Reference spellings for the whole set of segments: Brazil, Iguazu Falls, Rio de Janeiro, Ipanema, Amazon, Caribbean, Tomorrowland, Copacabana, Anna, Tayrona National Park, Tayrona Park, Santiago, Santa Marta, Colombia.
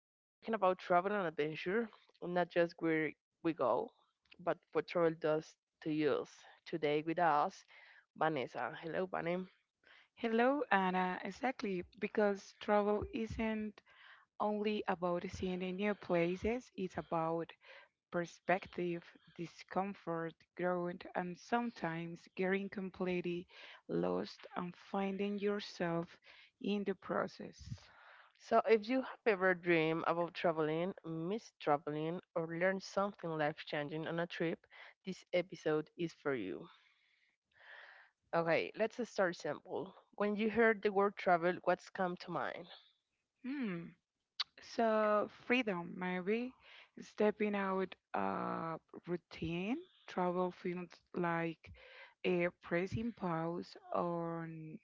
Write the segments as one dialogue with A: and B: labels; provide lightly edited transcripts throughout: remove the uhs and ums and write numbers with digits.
A: We're talking about travel and adventure, not just where we go, but what travel does to us. Today with us, Vanessa. Hello, Vanessa.
B: Hello, Anna. Exactly, because travel isn't only about seeing the new places, it's about perspective, discomfort, growth, and sometimes getting completely lost and finding yourself in the process.
A: So, if you have ever dreamed about traveling, missed traveling, or learned something life changing on a trip, this episode is for you. Okay, let's just start simple. When you hear the word travel, what's come to mind?
B: Hmm. So freedom, maybe stepping out routine. Travel feels like a pressing pause on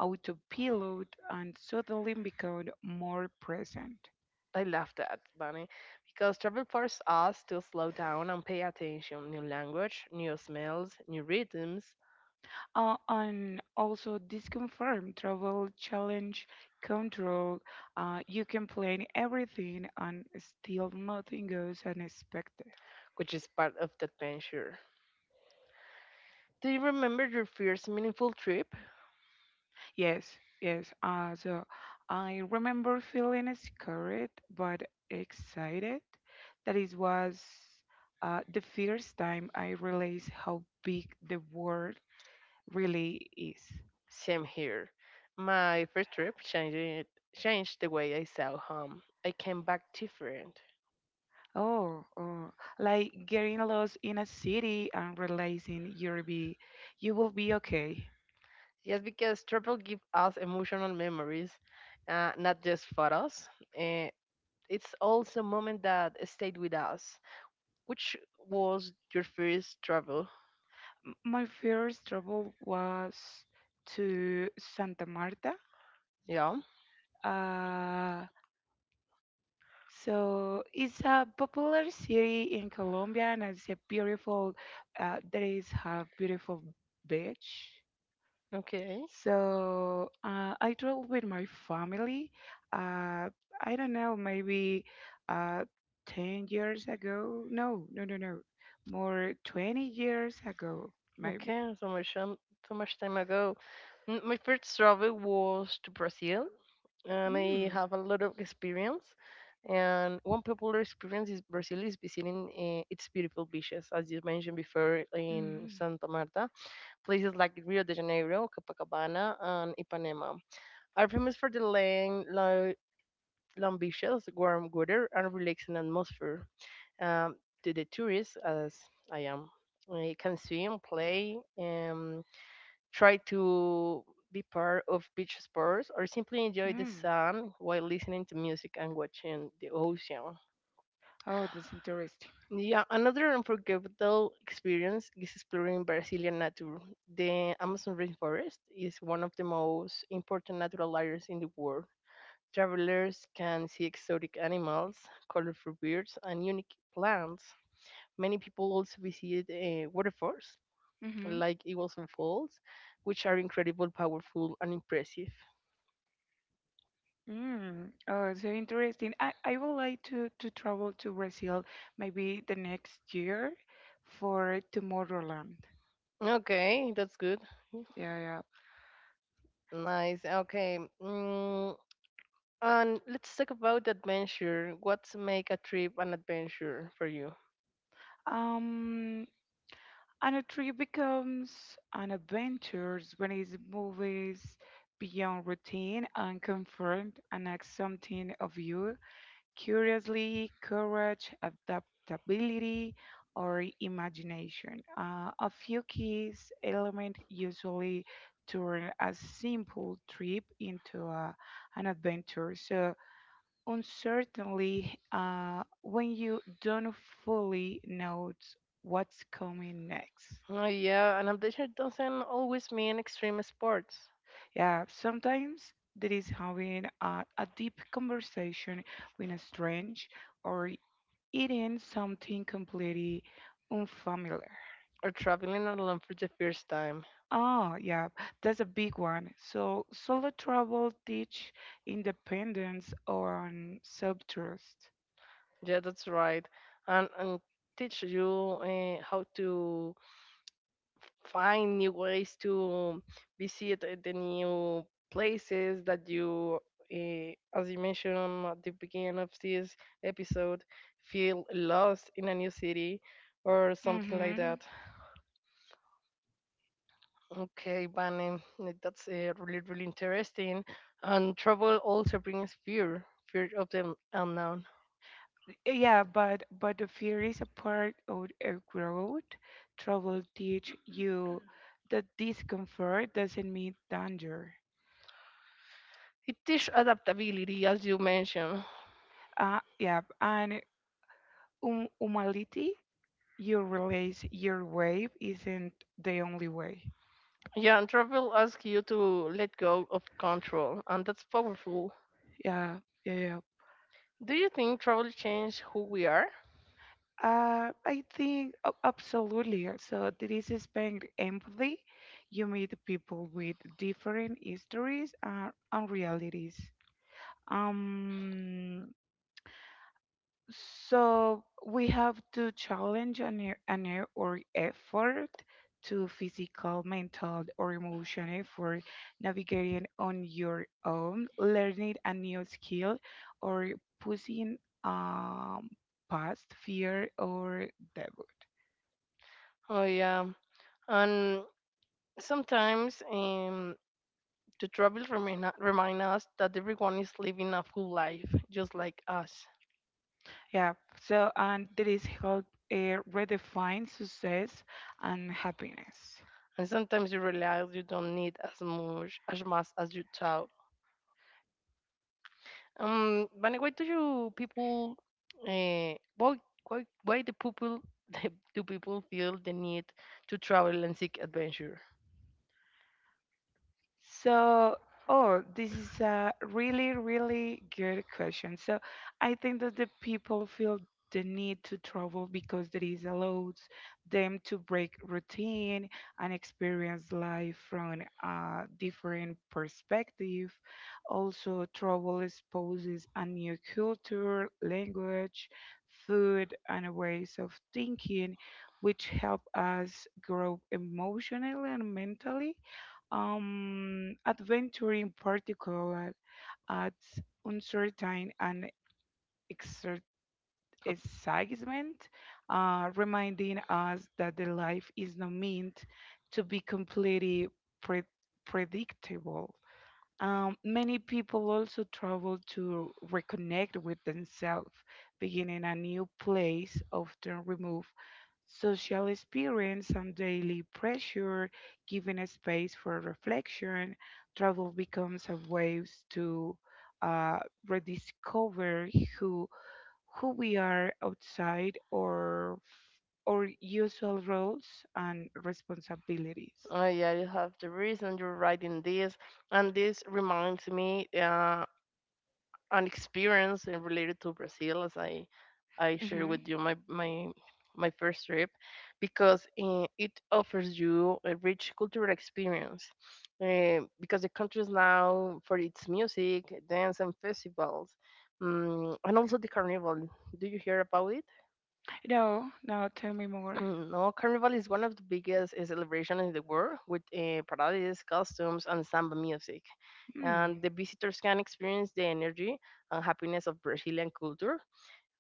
B: autopilot and suddenly become more present.
A: I love that, Bunny, because travel forces us to slow down and pay attention. New language, new smells, new rhythms,
B: And also disconfirm travel challenge control. You can plan everything and still nothing goes unexpected.
A: which is part of the adventure. Do you remember your first meaningful trip?
B: Yes, yes. So I remember feeling scared but excited. That it was the first time I realized how big the world really is.
A: Same here. My first trip changed it, changed the way I saw home. I came back different.
B: Oh, oh, like getting lost in a city and realizing you will be okay.
A: Yes, because travel gives us emotional memories, not just photos. Uh, it's also a moment that stayed with us. Which was your first travel?
B: My first travel was to Santa Marta.
A: Yeah.
B: Uh, So it's a popular city in Colombia, and it's a beautiful. There is a beautiful beach.
A: Okay.
B: So I travel with my family. Uh, I don't know, maybe uh, 10 years ago. No, no, no, no, more 20 years ago, maybe.
A: Okay. So much so much time ago. My first travel was to Brazil, and I
B: Mm.
A: have a lot of experience. And one popular experience is Brazil is visiting its beautiful beaches, as you mentioned before, in Santa Marta. Places like Rio de Janeiro, Copacabana, and Ipanema are famous for the long beaches, warm weather, and relaxing atmosphere. Um, to the tourists, as I am, I can swim, play, and try to be part of beach sports or simply enjoy the sun while listening to music and watching the ocean.
B: Oh, that's interesting.
A: Yeah, another unforgettable experience is exploring Brazilian nature. The Amazon rainforest is one of the most important natural areas in the world. Travelers can see exotic animals, colorful birds, and unique plants. Many people also visit waterfalls,
B: I hmm
A: like Iguazu Falls, which are incredible, powerful, and impressive.
B: Mm. Oh, so interesting. I would like to travel to Brazil maybe the next year for Tomorrowland.
A: Okay, that's good.
B: Yeah, yeah.
A: Nice. Okay. Mm, and let's talk about adventure. What's make a trip an adventure for you?
B: Um, And a tree becomes an adventure when it moves beyond routine and comfort and asks something of you. Curiously, courage, adaptability, or imagination. A few keys element usually turn a simple trip into an adventure. So uncertainly, when you don't fully know what's coming next.
A: Oh, yeah, an adventure doesn't always mean extreme sports
B: Yeah, sometimes there is having a deep conversation with a stranger or eating something completely unfamiliar.
A: or traveling alone for the first time.
B: Oh, yeah, that's a big one. So solo travel teach independence on self-trust.
A: Yeah, that's right. And teach you how to find new ways to visit the new places that uh, as you mentioned at the beginning of this episode, feel lost in a new city or something like
B: Mm-hmm.
A: that. Okay, Bane, that's really really interesting. And travel also brings fear, fear of the unknown.
B: Yeah, but the fear is a part of a growth. Travel teach you that discomfort doesn't mean danger.
A: It teaches adaptability, as you mentioned.
B: Yeah, and humanity, you realize your way isn't the only way.
A: Yeah, and travel asks you to let go of control, and that's powerful.
B: Yeah, yeah, yeah.
A: Do you think travel changes who we are?
B: I think absolutely. So this is being empathy. You meet people with different histories and realities. Um, So we have to challenge an e- or effort to physical, mental, or emotional for navigating on your own, learning a new skill, or pushing um, past fear or doubt.
A: Oh yeah, and sometimes the travel remind us that everyone is living a full life, just like us.
B: Yeah. So and there is help redefine success and happiness.
A: And sometimes you realize you don't need as much as you thought. But why do you people? Uh, why why the people do people feel the need to travel and seek adventure?
B: So, oh, this is a really, really good question. So, I think that the people feel the need to travel because there is allows them to break routine and experience life from a different perspective. Also, travel exposes a new culture, language, food, and ways of thinking, which help us grow emotionally and mentally. Adventure in particular adds uncertain and exer- excitement, reminding us that the life is not meant to be completely pre- predictable. Many people also travel to reconnect with themselves, beginning a new place, often remove social experience and daily pressure, giving a space for reflection. Travel becomes a way to uh, rediscover who who we are outside or our usual roles and responsibilities.
A: Oh yeah, you have the reason you're writing this, and this reminds me an experience related to Brazil, as I shared
B: Hmm.
A: with you my first trip, because it offers you a rich cultural experience, because the country is now for its music, dance, and festivals, mm, and also the carnival. Do you hear about it?
B: No, no, tell me more.
A: Mm, no, Carnival is one of the biggest celebrations in the world with parades, costumes, and samba music.
B: Mm.
A: And the visitors can experience the energy and happiness of Brazilian culture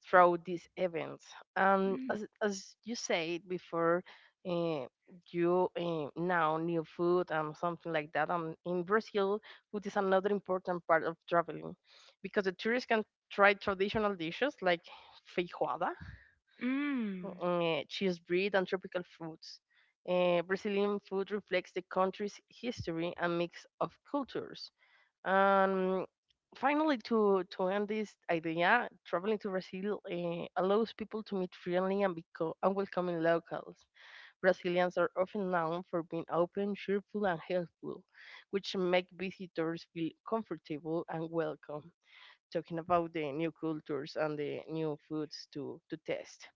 A: through these events. And
B: Mm.
A: as you said before, uh, you now new food and something like that. And in Brazil, food is another important part of traveling because the tourists can try traditional dishes like feijoada,
B: Mm.
A: cheese bread and tropical fruits. Brazilian food reflects the country's history and mix of cultures. Um, finally, to end this idea, traveling to Brazil allows people to meet friendly and welcoming locals. Brazilians are often known for being open, cheerful, and helpful, which make visitors feel comfortable and welcome. Talking about the new cultures and the new foods to test.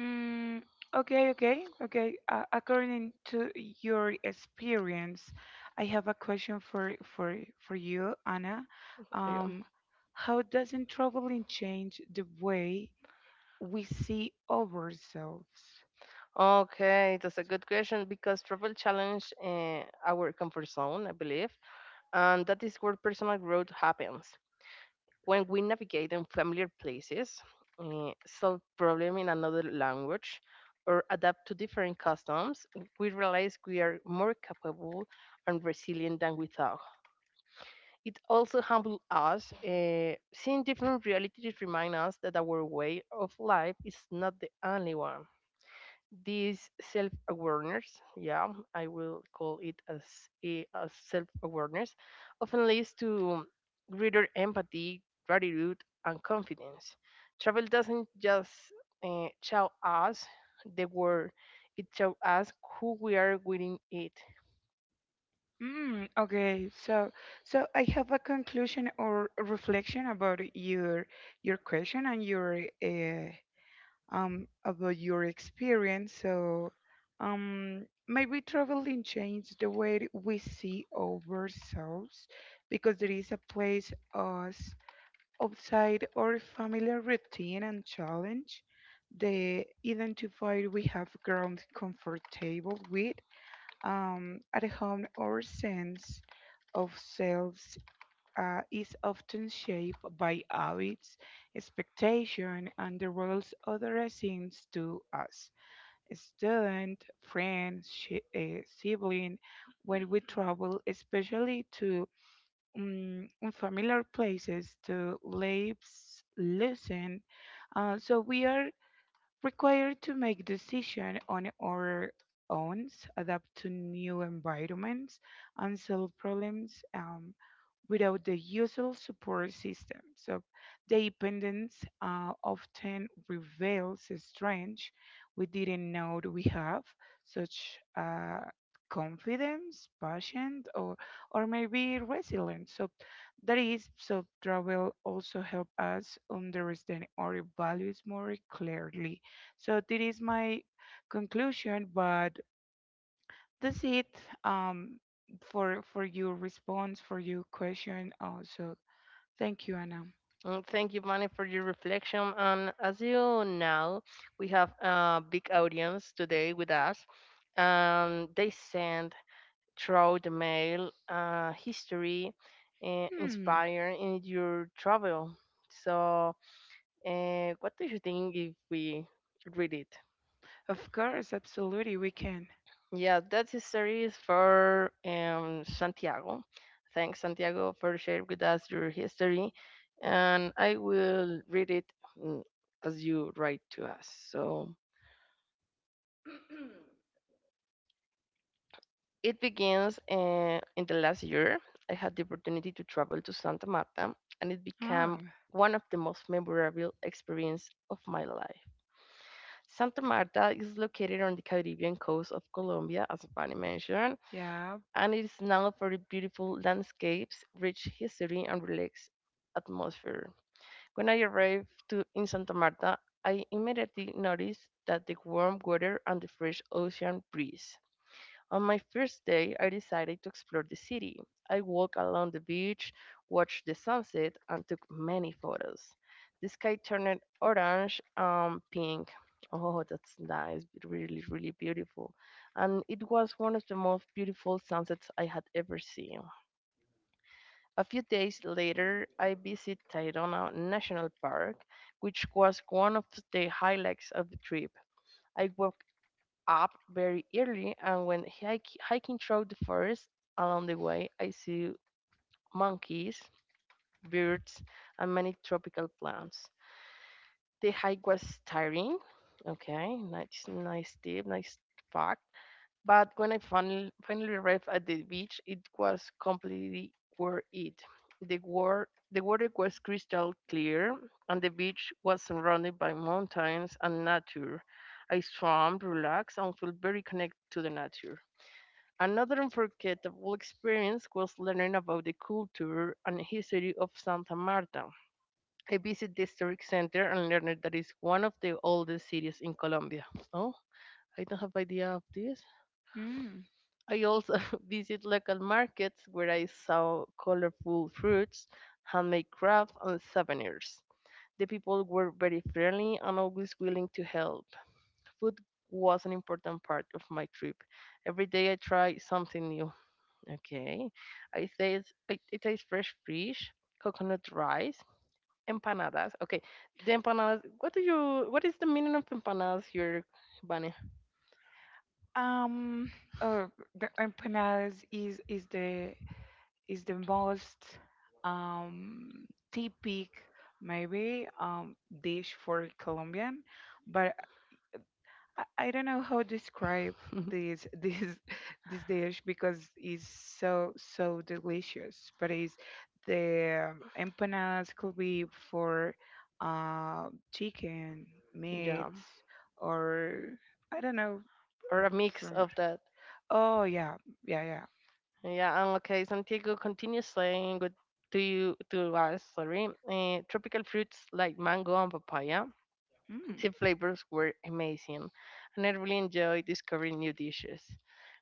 B: Mm. Okay, okay, okay. According to your experience, I have a question for you, Anna.
A: Yeah.
B: Um, how doesn't traveling change the way we see ourselves?
A: Okay, that's a good question because travel challenge our comfort zone, I believe, and that is where personal growth happens. When we navigate in familiar places, solve problem in another language, or adapt to different customs, we realize we are more capable and resilient than we thought. It also humbles us. Seeing different realities remind us that our way of life is not the only one. This self awareness, yeah, I will call it as a self awareness, often leads to greater empathy, gratitude, and confidence. Travel doesn't just show us the world, it shows us who we are within it.
B: Mm, okay, so I have a conclusion or a reflection about your question and your about your experience. So maybe traveling changed the way we see ourselves because there is a place us outside our familiar routine and challenge the identifier we have grown comfortable with. At home, our sense of selves is often shaped by habits, expectation, and the roles others seems to us. A student, friend, sibling, when we travel, especially to unfamiliar places, to lives, listen, so we are required to make decisions on our own, adapt to new environments, and solve problems. Without the usual support system. So dependence often reveals strengths we didn't know we have, such confidence, passion, or maybe resilience. So that is, so travel also help us understand our values more clearly. So this is my conclusion, but that's it um, for your response for your question. Also, thank you, Anna.
A: And thank you, Manny, for your reflection. And as you know, we have a big audience today with us, and they send throughout the mail history
B: Hmm.
A: inspired in your travel. So, what do you think if we read it?
B: Of course, absolutely, we can.
A: Yeah, that history is for Santiago. Thanks, Santiago, for sharing with us your history. And I will read it mm, as you write to us. So, it begins in the last year. I had the opportunity to travel to Santa Marta, and it
B: Oh,
A: became one of the most memorable experiences of my life. Santa Marta is located on the Caribbean coast of Colombia, as Vani mentioned,
B: yeah.
A: and it is known for its beautiful landscapes, rich history, and relaxed atmosphere. When I arrived in Santa Marta, I immediately noticed that the warm weather and the fresh ocean breeze. On my first day, I decided to explore the city. I walked along the beach, watched the sunset, and took many photos. The sky turned orange and pink. Oh, that's nice, really, really beautiful. And it was one of the most beautiful sunsets I had ever seen. A few days later, I visited Tayrona National Park, which was one of the highlights of the trip. I walked up very early, and when hiking through the forest along the way, I see monkeys, birds, and many tropical plants. The hike was tiring. Okay, nice, nice tip, nice fact. But when I finally arrived at the beach, it was completely worth it. The water was crystal clear, and the beach was surrounded by mountains and nature. I swam, relaxed, and felt very connected to the nature. Another unforgettable experience was learning about the culture and history of Santa Marta. I visited the historic center and learned that it's one of the oldest cities in Colombia. Oh, I don't have idea of this.
B: Mm.
A: I also visited local markets where I saw colorful fruits, handmade crafts, and souvenirs. The people were very friendly and always willing to help. Food was an important part of my trip. Every day I tried something new. Okay. I taste fresh fish, coconut rice, empanadas. Okay. The empanadas, what do you, what is the meaning of empanadas here, Bunny?
B: Um. Oh, the empanadas is the most typical maybe dish for Colombian, but I don't know how to describe this this dish because it's so delicious. But it's the empanadas could be for chicken, meat,
A: Yeah,
B: or I don't know
A: or a mix
B: from.
A: of that.
B: Oh yeah, yeah, yeah.
A: Yeah, and okay, Santiago continues saying good to you to us, sorry, tropical fruits like mango and papaya.
B: Mm.
A: The flavors were amazing, and I really enjoyed discovering new dishes.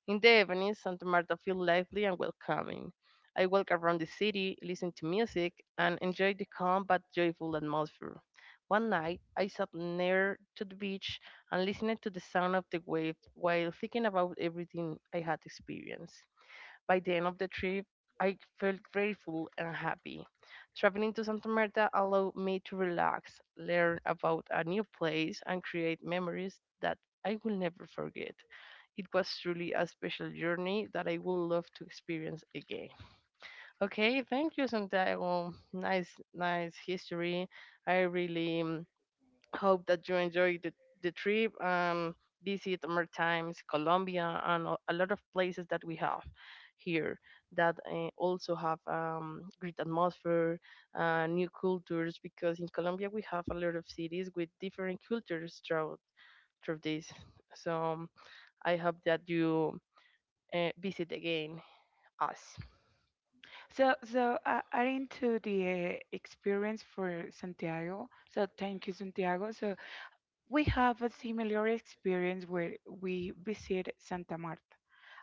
A: In the evening, Santa Marta felt lively and welcoming. I walked around the city, listened to music, and enjoyed the calm but joyful atmosphere. One night, I sat near to the beach and listened to the sound of the waves while thinking about everything I had experienced. By the end of the trip, I felt grateful and happy. Traveling to Santa Marta allowed me to relax, learn about a new place, and create memories that I will never forget. It was truly a special journey that I would love to experience again. Okay, thank you, Santiago. Nice, nice history. I really hope that you enjoyed the trip. Visit more times Colombia and a lot of places that we have here that also have great atmosphere, new cultures. Because in Colombia we have a lot of cities with different cultures throughout through this. So I hope that you visit again us.
B: So, adding to the experience for Santiago, so thank you, Santiago. So we have a similar experience where we visit Santa Marta.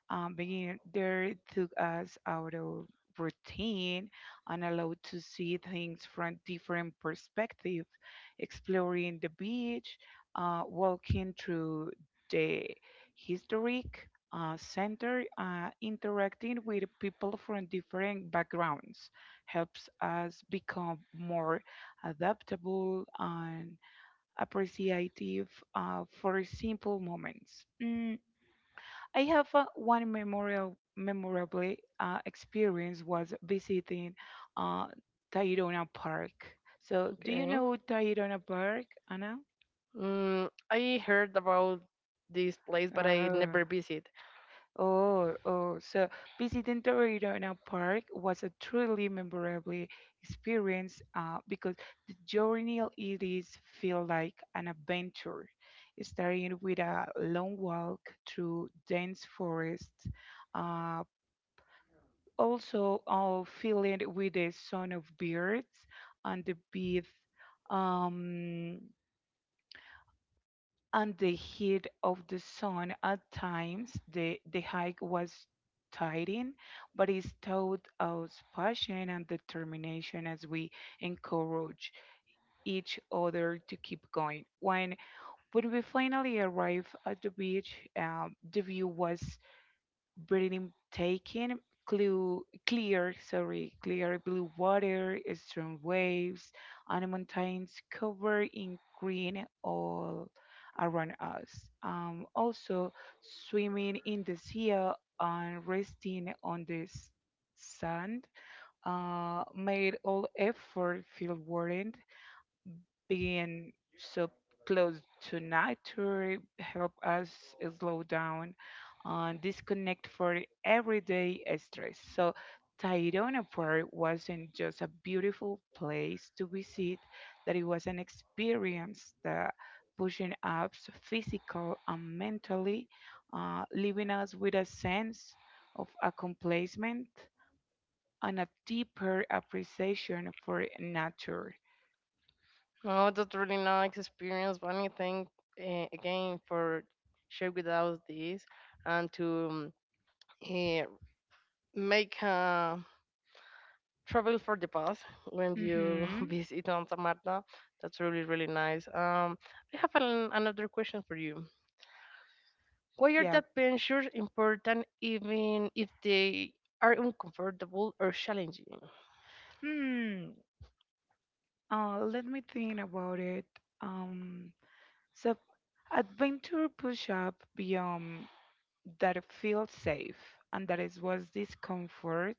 B: Being there took us out of routine and allowed to see things from different perspectives, exploring the beach, walking through the historic center, interacting with people from different backgrounds helps us become more adaptable and appreciative for simple moments. Mm, I have one memorial memorable experience was visiting uh, Tayrona Park. So, do you
A: Okay.
B: know Tayrona Park, Anna?
A: Mm, I heard about this place, but I
B: Uh,
A: never visit.
B: Oh, oh, so visiting Torreiro in a park was a truly memorable experience because the journey it is feel like an adventure, starting with a long walk through dense forest, uh, also filling with the sound of birds and the beat. Um, and the heat of the sun at times the hike was tiring, but it taught us passion and determination as we encourage each other to keep going when we finally arrived at the beach. The view was breathing taking, clue, clear sorry clear blue water, strong waves, and mountains covered in green all around us. Also swimming in the sea and resting on the sand made all effort feel worried. Being so close to nature help us slow down and disconnect for everyday stress. So Tayrona Park wasn't just a beautiful place to visit, that it was an experience that pushing us physical and mentally, leaving us with a sense of accomplishment and a deeper appreciation for nature.
A: Oh, that's really nice experience. One thank again for share with us this and to um, uh, make a travel for the past when you
B: Mm-hmm.
A: visit on Marta. That's really really nice. I have an, another question for you. Why are
B: Yeah.
A: the adventures important even if they are uncomfortable or challenging?
B: Hmm. Let me think about it. Um, So adventure push up beyond that feels safe and that is was discomfort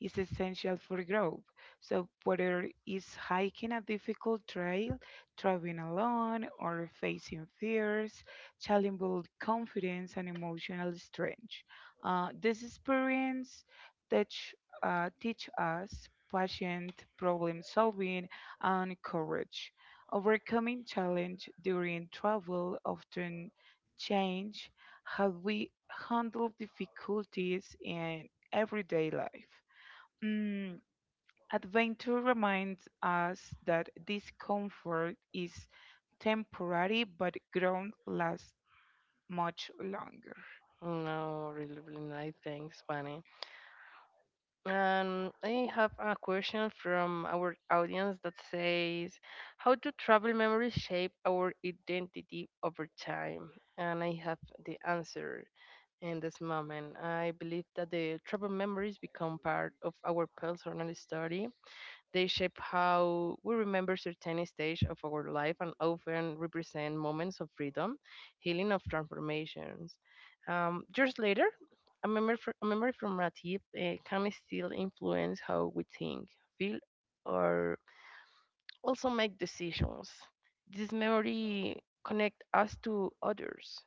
B: is essential for growth. So whether it's hiking a difficult trail, traveling alone, or facing fears, challenge build confidence and emotional strength. This experience teach, teach us patient problem solving and courage. Overcoming challenge during travel often change how we handle difficulties in everyday life. Mm, adventure reminds us that discomfort is temporary, but growth lasts much longer.
A: No, really really nice. Thanks, Bunny. I have a question from our audience that says, how do travel memories shape our identity over time? And I have the answer in this moment. I believe that the travel memories become part of our personal story. They shape how we remember certain stage of our life and often represent moments of freedom, healing of transformations. Years later, a memory, a memory from a tip can still influence how we think, feel, or also make decisions. This memory connect us to others.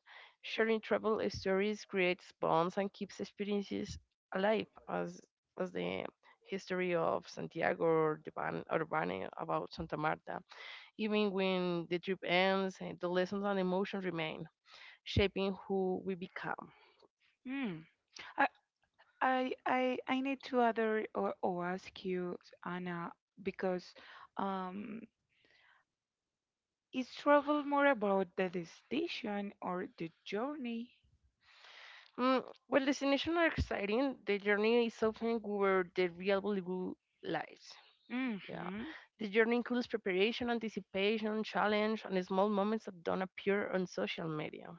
A: Sharing travel stories creates bonds and keeps experiences alive, as the history of Santiago or the Urbane about Santa Marta. Even when the trip ends, the lessons and emotions remain, shaping who we become.
B: Mm, I, I need to other or ask you, Anna, because um, is travel more about the destination or the journey?
A: Mm, well, destinations are exciting. The journey is often where the real value lies. Yeah.
B: Mm-hmm.
A: The journey includes preparation, anticipation, challenge, and small moments that don't appear on social media.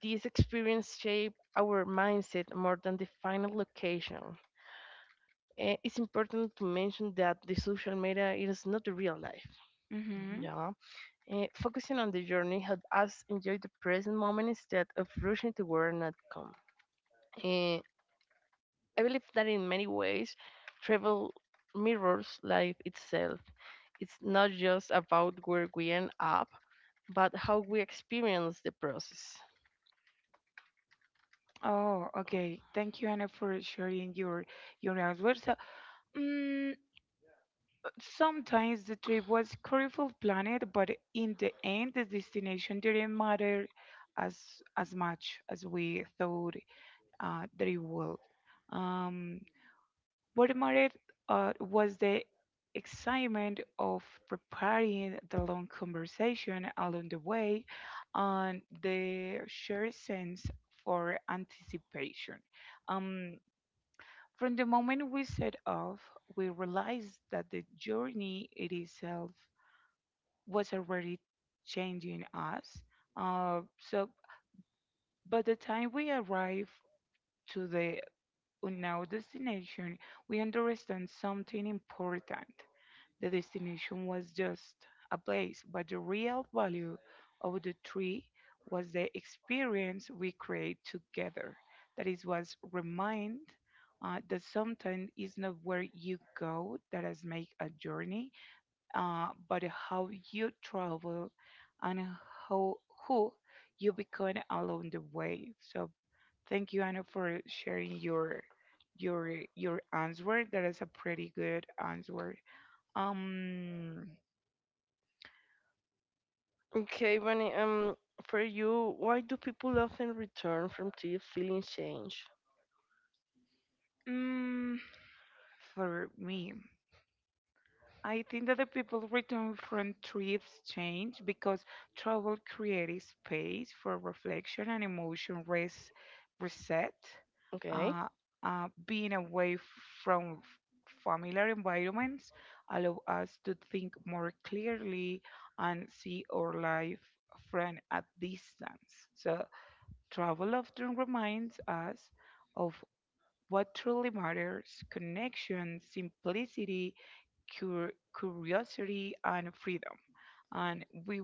A: These experiences shape our mindset more than the final location. It's important to mention that the social media is not the real life.
B: Mm-hmm.
A: Yeah. Focusing on the journey helps us enjoy the present moment instead of rushing to where an outcome. Eh, I believe that in many ways, travel mirrors life itself. It's not just about where we end up, but how we experience the process.
B: Oh, okay. Thank you, Anna, for sharing your answer. So, mm, sometimes the trip was careful planned, but in the end, the destination didn't matter as as much as we thought that it would. Um, What mattered was the excitement of preparing the long conversation along the way and the shared sense for anticipation. Um, from the moment we set off, we realized that the journey it itself was already changing us. So by the time we arrived to the on our destination, we understand something important. The destination was just a place, but the real value of the tree was the experience we create together. That is was remind that sometimes it's not where you go that has make a journey, but how you travel and how who you become along the way. So thank you, Anna, for sharing your answer. That is a pretty good answer. Um,
A: Okay, Bunny, for you, why do people often return from trip feeling change?
B: mm, for me, I think that the people return from trips change because travel creates space for reflection and emotion reset.
A: Okay,
B: Uh, Being away from familiar environments allow us to think more clearly and see our life from a distance. So travel often reminds us of what truly matters: connection, simplicity, curiosity, and freedom. And we,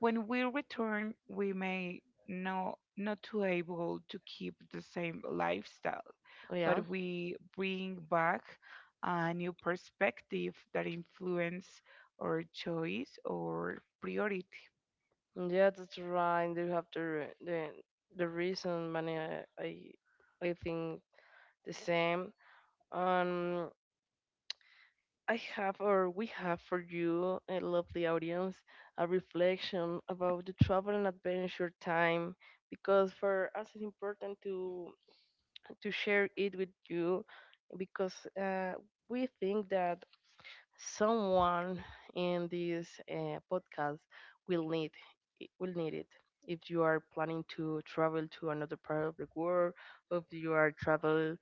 B: when we return, we may no, not to able to keep the same lifestyle,
A: yeah.
B: but we bring back a new perspective that influence our choice or priority.
A: Yeah, that's right. You have the the reason, Bunny. I think the same. Um, I have, or we have for you, I love the audience, a reflection about the travel and adventure time, because for us it's important to share it with you, because we think that someone in this podcast will need will need it if you are planning to travel to another part of the world or if you are travel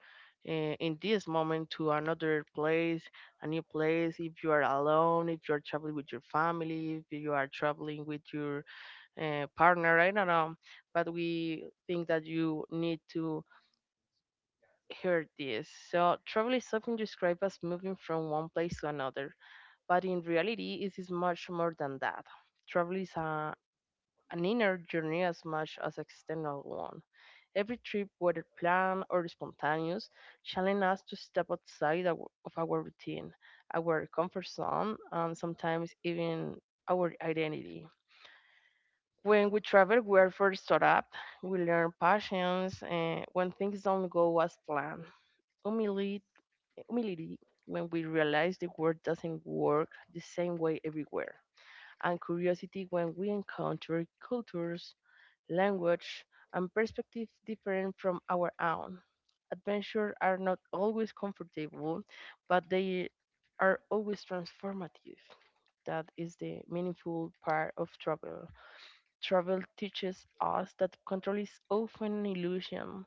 A: in this moment to another place a new place if you are alone if you are traveling with your family if you are traveling with your partner, I don't know, but we think that you need to hear this. So travel is often described as moving from one place to another, but in reality, it is much more than that. Travel is an inner journey as much as external one. Every trip, whether planned or spontaneous, challenges us to step of our routine, our comfort zone, and sometimes even our identity. When we travel, we are first taught up. We learn patience and when things don't go as planned. Humility, humility when we realize the world doesn't work the same way everywhere and curiosity when we encounter cultures, language, and perspectives different from our own. Adventures are not always comfortable, but they are always transformative. That is the meaningful part of travel. Travel teaches us that control is often an illusion.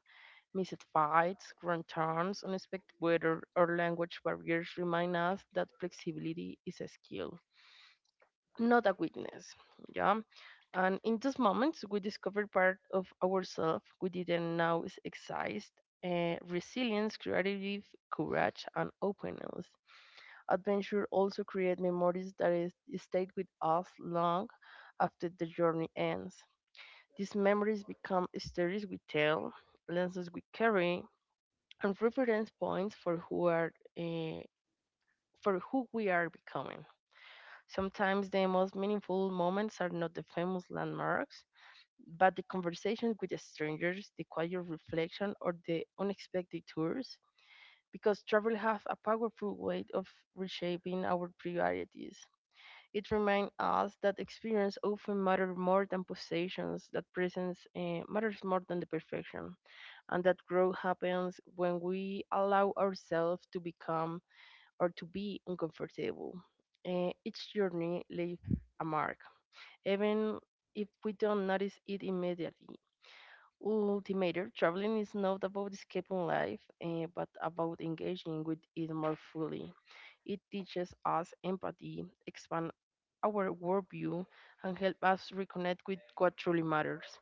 A: Missed fights, wrong turns, unexpected weather, or language barriers remind us that flexibility is a skill, not a weakness. Yeah. And in those moments, we discover part of ourselves we didn't know is exist, resilience, creativity, courage, and openness. Adventure also create memories that is, stayed with us long after the journey ends. These memories become stories we tell, lenses we carry, and reference points for who are, eh, for who we are becoming. Sometimes the most meaningful moments are not the famous landmarks but the conversation with strangers, the quiet reflection, or the unexpected tours, because travel has a powerful way of reshaping our priorities. It reminds us that experience often matters more than possessions, that presence matters more than the perfection, and that growth happens when we allow ourselves to become or to be uncomfortable. Each journey leaves a mark, even if we don't notice it immediately. Ultimator, traveling is not about escaping life, but about engaging with it more fully. It teaches us empathy, expand our worldview, and help us reconnect with what truly matters.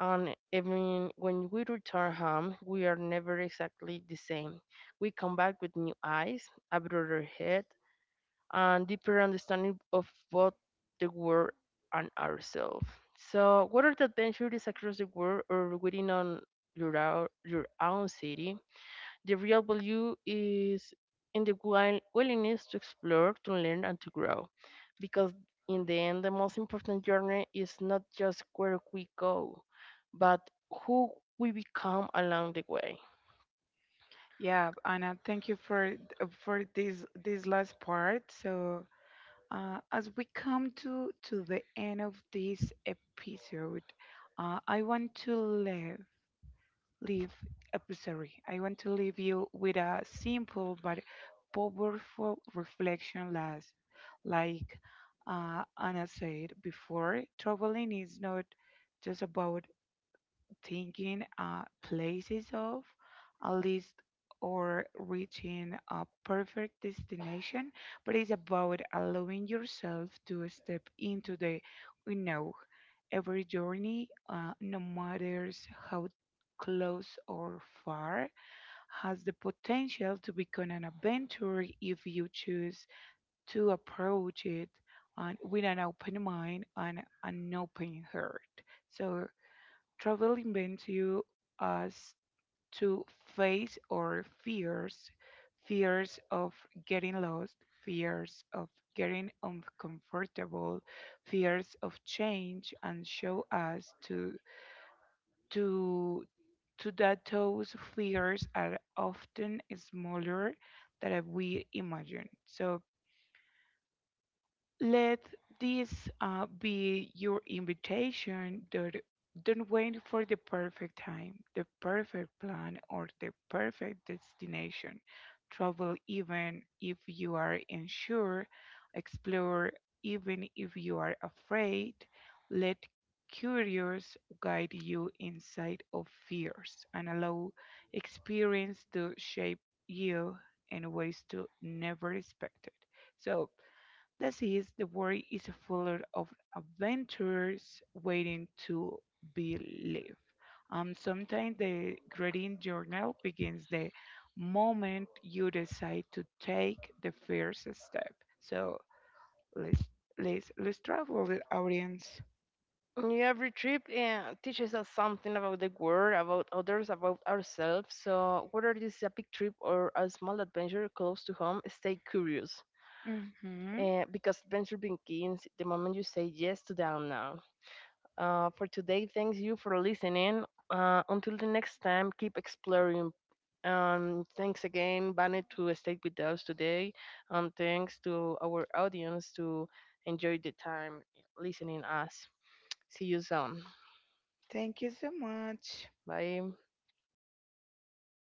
A: And even when we return home, we are never exactly the same. We come back with new eyes, a broader head, and deeper understanding of both the world and ourselves. So, whether the adventure is across the world or within on your your own city, the real value is in the willingness to explore, to learn, and to grow. Because in the end, the most important journey is not just where we go, but who we become along the way.
B: Yeah, Anna, thank you for this last part. As we come to the end of this episode, I want to leave episode. I want to leave you with a simple but powerful reflection last. Like Anna said before, traveling is not just about thinking places of a list or reaching a perfect destination, but it's about allowing yourself to step into the unknown. Every journey, no matter how close or far, has the potential to become an adventure if you choose to approach it and with an open mind and an open heart. So travel invents you us to face our fears, fears of getting lost, fears of getting uncomfortable, fears of change, and show us to to that those fears are often smaller than we imagine. So let this be your invitation. Don't wait for the perfect time, the perfect plan, or the perfect destination. Travel even if you are unsure, explore even if you are afraid. Let curious guide you inside of fears and allow experience to shape you in ways to never expected. So that is, the world is full of adventures waiting to be lived. Sometimes the grading journal begins the moment you decide to take the first step. So let's let's travel the audience.
A: Yeah, every trip teaches us something about the world, about others, about ourselves. So, whether this is a big trip or a small adventure close to home, stay curious.
B: Hmm.
A: Because adventure begins the moment you say yes to the unknown. For today, thanks you for listening. Until the next time, keep exploring. Thanks again, Bane, to stay with us today. And thanks to our audience to enjoy the time listening us. See you soon.
B: Thank you so much.
A: Bye.